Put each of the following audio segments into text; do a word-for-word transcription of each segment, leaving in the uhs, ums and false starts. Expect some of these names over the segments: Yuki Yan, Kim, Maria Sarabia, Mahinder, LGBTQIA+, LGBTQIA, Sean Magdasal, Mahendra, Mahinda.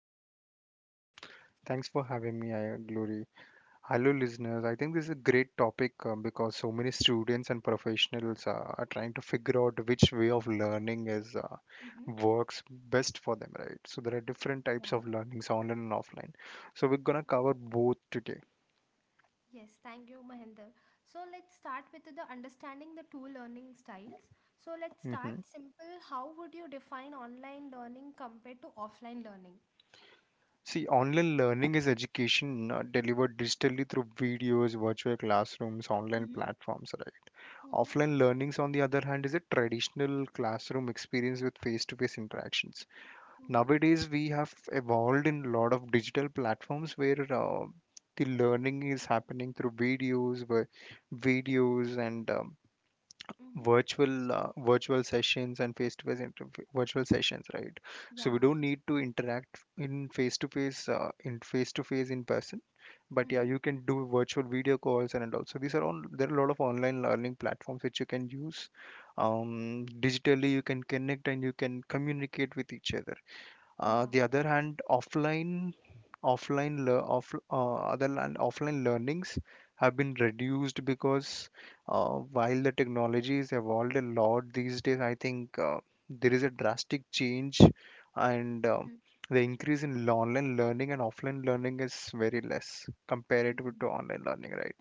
being here Mahinder. Thanks for having me, I- Glory. Hello, listeners. I think this is a great topic um, because so many students and professionals uh, are trying to figure out which way of learning is uh, Mhm. works best for them, right? So there are different Yeah. types of learnings, online and offline. So we're gonna cover both today. Yes, thank you, Mahendra. So let's start with the understanding the two learning styles. So let's start Hmm. simple. How would you define online learning compared to offline learning? See, online learning is education uh, delivered digitally through videos, virtual classrooms, online Mm-hmm. platforms, right? Mm-hmm. Offline learnings, on the other hand, is a traditional classroom experience with face-to-face interactions. Mm-hmm. Nowadays we have evolved in a lot of digital platforms where uh, the learning is happening through videos vi- videos and um, Mm-hmm. virtual uh, virtual sessions and face to face virtual sessions, right? So we Yeah. don't need to interact in face to face uh, in face to face in person, but yeah, Mm-hmm. you can do virtual video calls and all. So these are all there are a lot of online learning platforms which you can use. Um, digitally you can connect and you can communicate with each other. Uh, Yeah. the other hand, offline offline lear- off uh, other and offline learnings have been reduced because uh, while the technology is evolved a lot these days, I think uh, there is a drastic change, and uh, Mm-hmm. the increase in online learning and offline learning is very less comparative Mm-hmm. to online learning, right?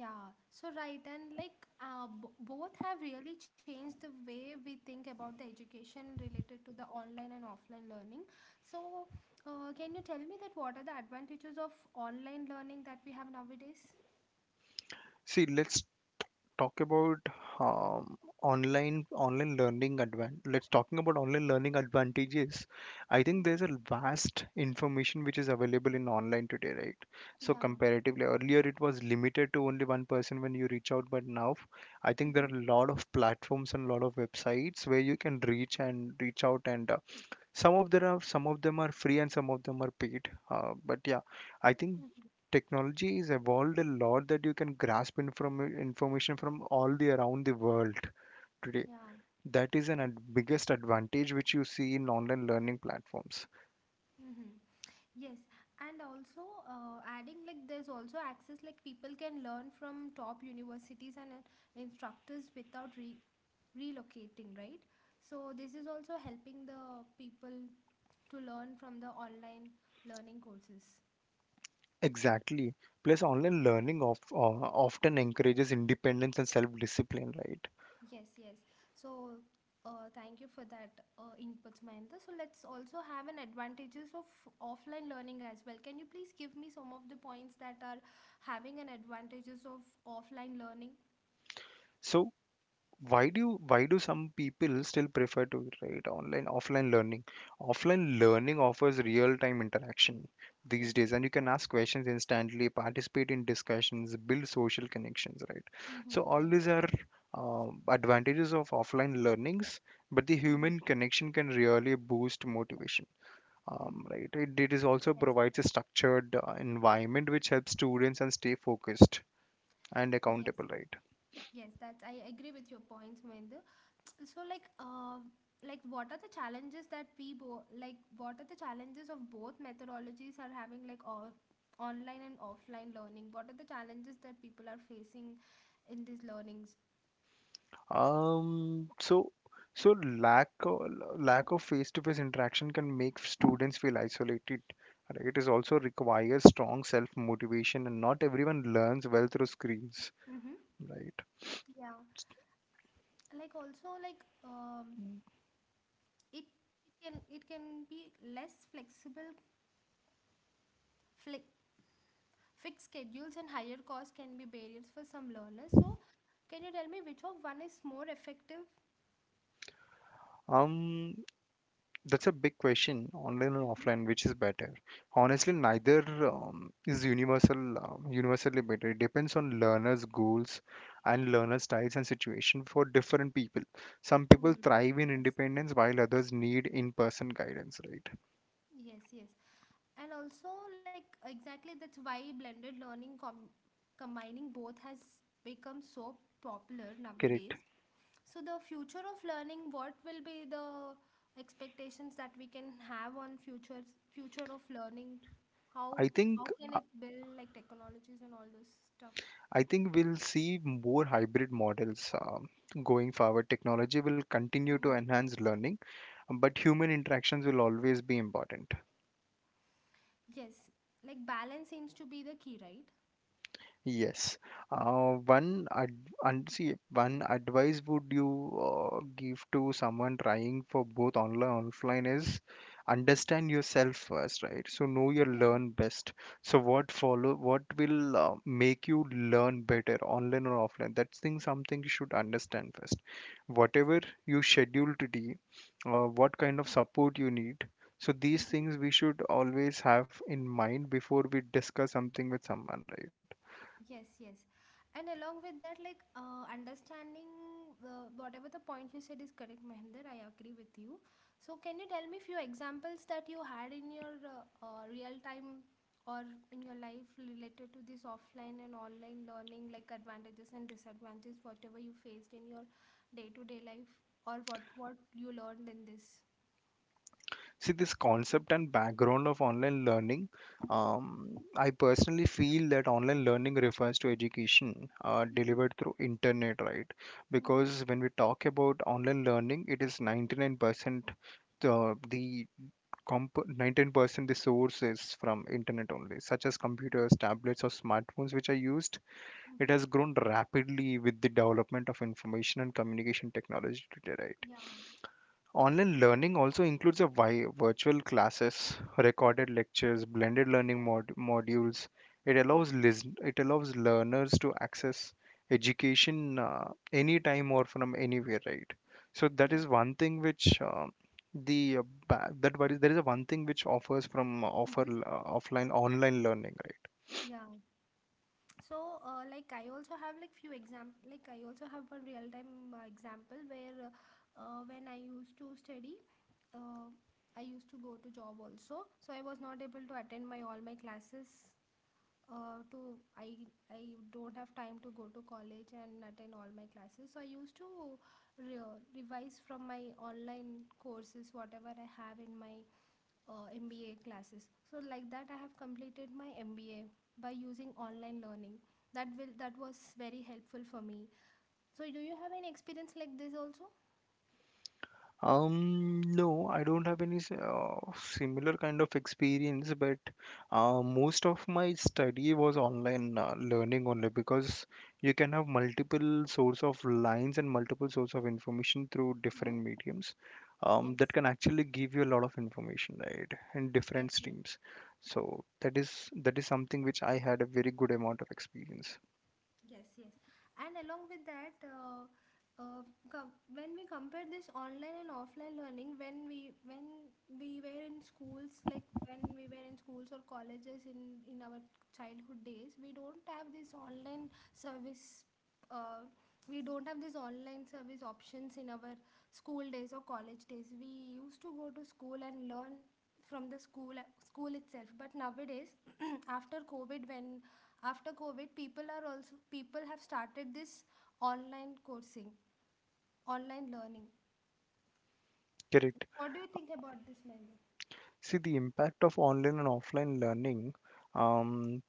Yeah, so right, and like uh, b both have really changed the way we think about the education related to the online and offline learning. So, uh, can you tell me that what are the advantages of online learning that we have nowadays? See, let's talk about um, online online learning advan let's talking about online learning advantages. I think Mm. there's a vast information which is available in online today, right? So Yeah. comparatively earlier it was limited to only one person when you reach out, but now I think there Mm-hmm. are a lot of platforms and a lot of websites where you can reach and reach out, and uh, some of them are some of them are free and some of them are paid, uh, but yeah, I think Mm-hmm. technology is evolved a lot that you can grasp inform- information from all the around the world today. Yeah. That is an ad- biggest advantage which you see in online learning platforms. Mm-hmm. Yes, and also uh, adding like there's also access like people can learn from top universities and uh, instructors without re- relocating, right? So this is also helping the people to learn from the online learning courses. Exactly, plus online learning of, uh, often encourages independence and self discipline, right? Yes, yes. So, uh, thank you for that uh, inputs, Mahinda. So, let's also have an advantages of offline learning as well. Can you please give me some of the points that are having an advantages of offline learning? So why do you- why do some people still prefer to right online offline learning? Offline learning offers real time interaction these Yes, days, and yes. you can ask questions instantly, participate in discussions, build social connections, right? So Mm-hmm, all yes. these are um, advantages of offline learnings, but the Mm-hmm. human connection can really boost motivation. um, Mm, Right, it, it is also yes, provides a def- structured uh, environment which helps students and stay focused and yes, accountable, yes. right? Yes, that's I agree with your points, Mahinda. So like uh, like what are the challenges that we both like what are the challenges of both methodologies are having like or online and offline learning? What are the challenges that people are facing in these learnings? Um, so so lack of, lack of face-to-face interaction can make students feel isolated, right? It is also requires strong self-motivation, and not everyone learns well through screens, Mm-hmm. right? Yeah, like also like um, it it can it can be less flexible. Fli- Fixed schedules and higher costs can be barriers for some learners. So, can you tell me which of one is more effective? Um, That's a big question, online and Mm. offline, which is better? Honestly, neither um, is universal, um, universally better. It depends on learners' goals and learner styles and situation for different people. Some people Hmm. thrive in Yes. independence while others need in-person guidance, right? Yes, yes. And also, like, exactly that's why blended learning com- combining both has become so popular Correct. nowadays. So, the future of learning, what will be the expectations that we can have on future future of learning? How I think how can I it build like technologies and all those stuff? I think we'll see more hybrid models um, going forward. Technology will continue to Mhm. enhance learning, but human interactions will always be important. Yes, like balance seems to be the key, right? Yes. Uh, one ad- and see one advice would you uh, give to someone trying for both online and offline is Mm. understand yourself first, right? So know your Yeah. learn best. So what follow what will uh, make you learn better, online or offline? That's thing something you should understand first. Whatever you schedule to do, uh, what kind of support you need. So these things we should always have in mind before we discuss something with someone, right? Yes, yes. And along with that, like uh, understanding uh, whatever the point you said is correct, Mahender, I agree with you. So, can you tell me few examples that you had in your uh, uh, real time or in your life related to this offline and online learning, like advantages and disadvantages, whatever you faced in your day to day life, or what what you learned in this? See, this concept and background of online learning, um, I personally feel that online learning refers to education uh, delivered Mm-hmm. through internet, right? Mm-hmm. Because when we talk about online learning, it is ninety-nine percent the, the comp nineteen percent the source is from internet only, such as Mm-hmm. computers, tablets, or smartphones, which are used. It Mm-hmm. has grown rapidly with the development of information and communication technology today, right? Yeah. Online learning also includes a vi- virtual classes, recorded Mm-hmm. lectures, blended learning Yeah. mod- modules. It Yeah. allows lis- it allows learners to access education uh, anytime or from anywhere, right? So that Yes. is one thing which uh, the uh, ba- that what is- there is a one thing which offers from uh, offer Mm-hmm. uh, offline online learning, right? Yeah. So uh, like I also have like few example like I also have one real time uh, example where uh, uh, when I used to study, uh, I used to go to job also, so I was not able to attend my all my classes uh, to I I don't have time to go to college and attend all my classes. So I used to re- revise from my online courses whatever I have in my uh, M B A classes. So like that, I have completed my M B A by using online learning. That will that was very helpful for me. So do you have any experience like this also? Um, no, I don't have any s- uh, similar kind of experience, but uh, most of my study was online uh, learning only because you can have multiple source of lines and multiple source of information through Mm-hmm. different mediums. Um, Yes. That can actually give you a lot of information, right, in Yes. different Yes. streams. So that is that is something which I had a very good amount of experience. Yes, yes. And along with that, uh, uh, com- when we compare this online and offline learning, when we when we were in schools, like when we were in schools or colleges in in our childhood days, we don't have this online service. Uh, we don't have this online service options in our school days or college days. We used to go to school and learn from the school school itself. But nowadays, after COVID, when after covid people are also people have started this online coursing online learning. Correct. What do you think about this, Mahendra? See, the impact of online and offline learning. Um,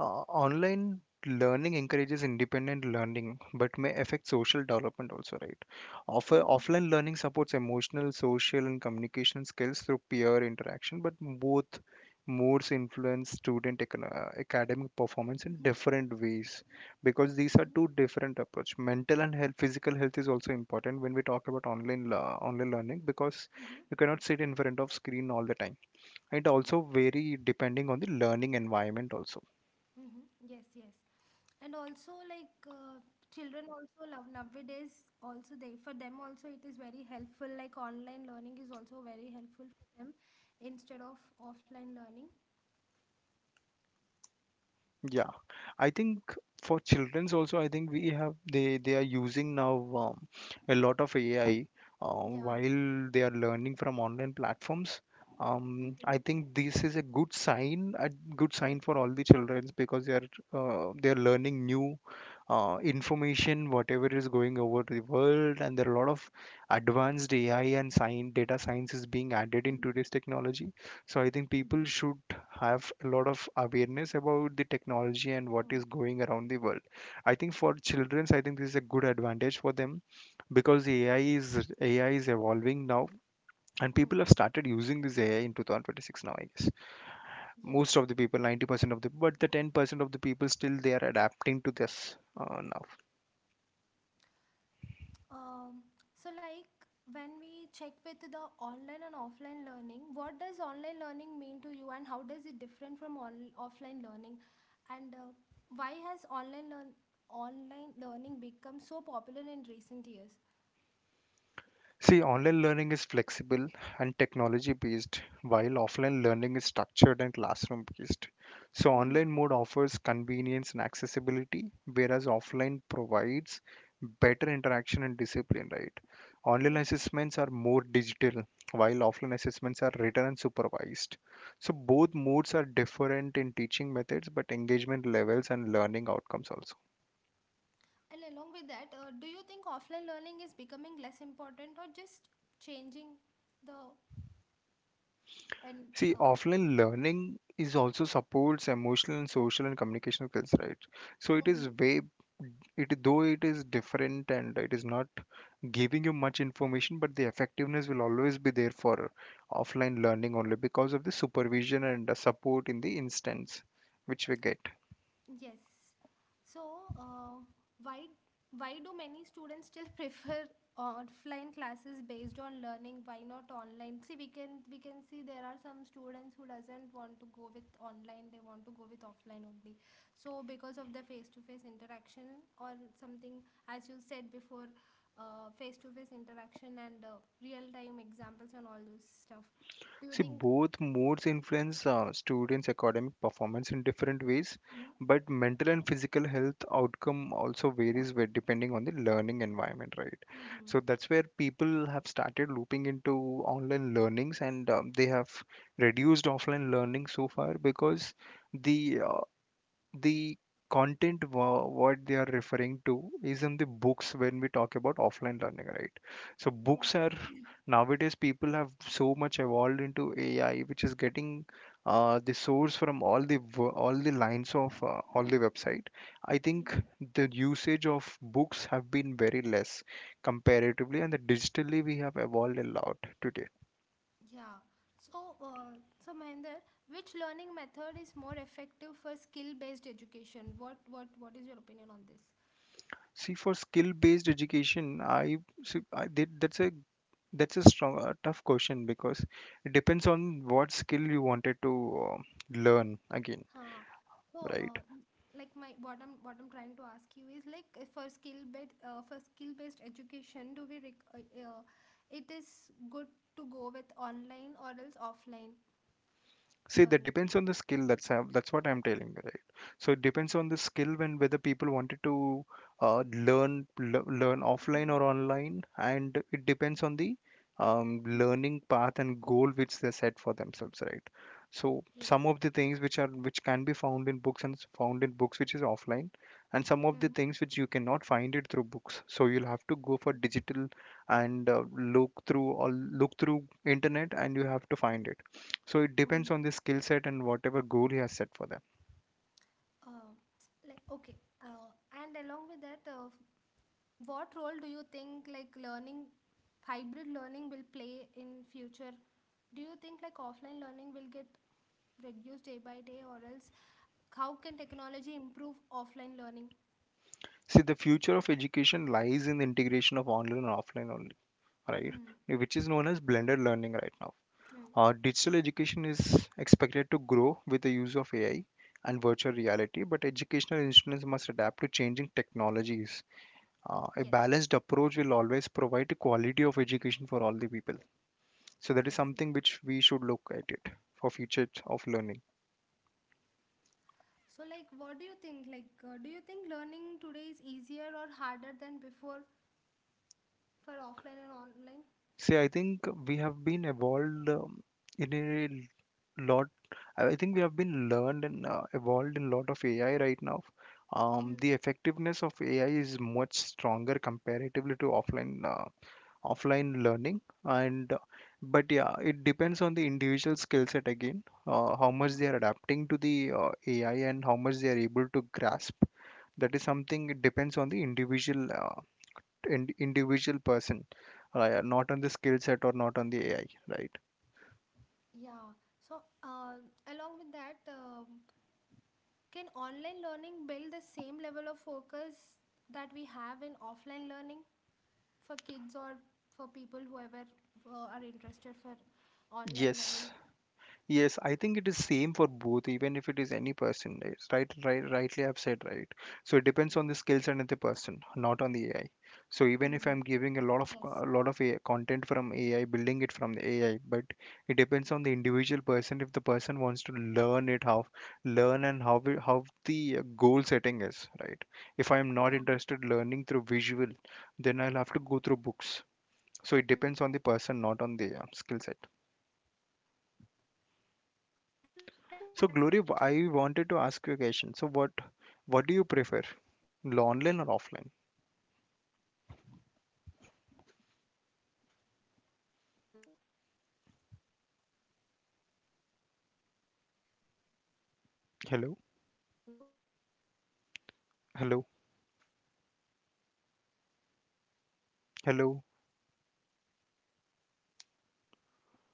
Uh, online learning encourages independent learning but may affect social development also, right? Offer, Mm-hmm. Offline learning supports emotional, social and communication skills through peer interaction, but both modes influence student econo- uh, academic performance in Mm-hmm. different ways, because these are two different approach. Mental and health, physical health is also important when we talk about online la- online learning, because Mm-hmm. you cannot sit in front of screen all the time. It Mm-hmm. also vary depending on the learning environment also. Mm-hmm. Yes, yes. And also, like uh, children also love nowadays. Also, they for them also it is very helpful. Like online learning is also very helpful for them instead of offline learning. Yeah, I think for childrens also, I think we have they they are using now um, a lot of A I uh, Yeah. while they are learning from online platforms. Um, Mm-hmm. I think this is a good sign, a good sign for all the childrens, because they are uh, they are learning new uh, information, whatever is going over to the world, and there are a lot of advanced A I and science, data science is being added in Mm-hmm. today's technology. So I think Mm-hmm. people should have a lot of awareness about the technology and what Mm. is going around the world. I think for children, I think this is a good advantage for them because the A I is A I is evolving now, and Mm. people have started using this A I in two thousand twenty-six now. I guess Yes. most of the people, ninety percent of the, but the ten percent of the people still they are adapting to this uh, now. Um, so like when we check with the online and offline learning, what does online learning mean to you and how does it different from on- offline learning? And uh, why has online learn online learning become so popular in recent years? See, online learning is flexible and technology based, while offline learning is structured and classroom based. So, Mm. online mode offers convenience and accessibility, whereas offline provides better interaction and discipline, right? Online Yes. Yes. assessments are more digital, while offline assessments are written and supervised. So, both modes are different in teaching methods, but engagement levels and learning outcomes also. And along with that, uh, do you think offline learning is becoming less important or just changing the and See, uh, offline learning is also supports emotional and social and communicational skills, right? So it is Mhm. way it though it is different and it is not giving you much information, but the effectiveness will always be there for offline learning only because of the supervision and the support in the instance which we get. Yes. So, uh, why why do many students still prefer offline classes based on learning? Why not online? See, we can we can see there are some students who doesn't want to go with online. They want to go with offline only. So, because of the face to face interaction or something, as you said before, uh, face to face interaction and uh, real time examples and all those stuff. Do you See, think? both modes influence uh, students' academic performance in different ways, Mm-hmm. but mental and physical health outcome also varies with, depending on the learning environment, right? Mm-hmm. So that's where people have started looping into online learnings, and um, they have reduced offline learning so far because the uh, the content wha- what they are referring to is in the books when we talk about offline learning, right? So Yeah. books are nowadays people have so much evolved into AI, which is getting uh, the source from all the wo- all the lines of uh, all the website. I think the usage of books have been very less comparatively, and the digitally we have evolved a lot today. Yeah. So, uh, so Mahinder, which learning method is more effective for skill-based education? What, what, what is your opinion on this? See, for skill-based education, I, see, I did, that's a that's a strong, uh, tough question because it depends on what skill you wanted to uh, learn again, Huh. So, uh, right? like my what I'm what I'm trying to ask you is like uh, for skill-based uh, for skill-based education, do we rec- uh, uh, it is good to go with online or else offline See, that learning? depends on the skill. That's how- that's what I'm telling you, right? So it depends on the skill when whether people wanted to uh, learn le learn offline Mhm. or online, and it depends on the um, Mhm. learning path and goal which they set for themselves, right? So Yes. some of the things which are which can be found in books and is found in books which is offline, and some of Mhm. the things which you cannot find it through books. So you'll have to go for digital, and uh, look through or look through internet, and you have to find it. So it depends Mhm. on the skill set and whatever goal he has set for them. Uh. Like okay, uh, and along with that, uh, what role do you think like learning hybrid learning will play in future? Do you think like offline learning will get reduced day by day, or else how can technology improve offline learning? See, the future of education lies in the integration of online and offline only, right? Mm. Which is known as blended learning right now. Mm. Uh, digital education is expected to grow with the use of A I and virtual reality, but educational institutions must adapt to changing technologies. Uh, a Yes, balanced approach will always provide a quality of education for all the people. So that is yes, yes. something which we should look at it for future of learning. So like what do you think like uh, do you think learning today is easier or harder than before for offline and online? See, I think we have been evolved um, in a l- lot. I I think we have been learned and uh, evolved in a lot of A I right now. Um, mm. The effectiveness of A I is much stronger comparatively to offline uh, offline learning, and uh, but yeah, it depends on the individual skill set again, uh, how much they Mhm. are adapting to the uh, A I and how much they are able to grasp. That is something it depends on the individual uh, in- individual person, right? Not on the skill set or not on the A I, right? Yeah. So, uh, along with that, um can online learning build the same level of focus that we have in offline learning for kids or for people whoever uh, are interested for online learning? Yes, Yes, I think it is same for both, even if it is any person. It's right, right, rightly I've said right. So it depends on the skills of the person, not on the A I. So even if Hmm. I'm giving a lot of co- a Yes. lot of A I, content from A I, building it from the A I, but it depends on the individual person. If the person wants to learn it, how learn and how we- how the uh, goal setting is, right? If I'm not Yeah. interested learning through visual, then I'll have to go through books. So it Hmm. depends on the person, not on Yes. the uh, skill set. So, um, like Mahinder, uh, can online So Glory, platforms I replace wanted to ask you teachers, a question. So what lecturers, what do you or prefer? only l- support them? Online or offline? Hello? Hello? Hello? Hello? Hello? Fuck, na internet పోయింది.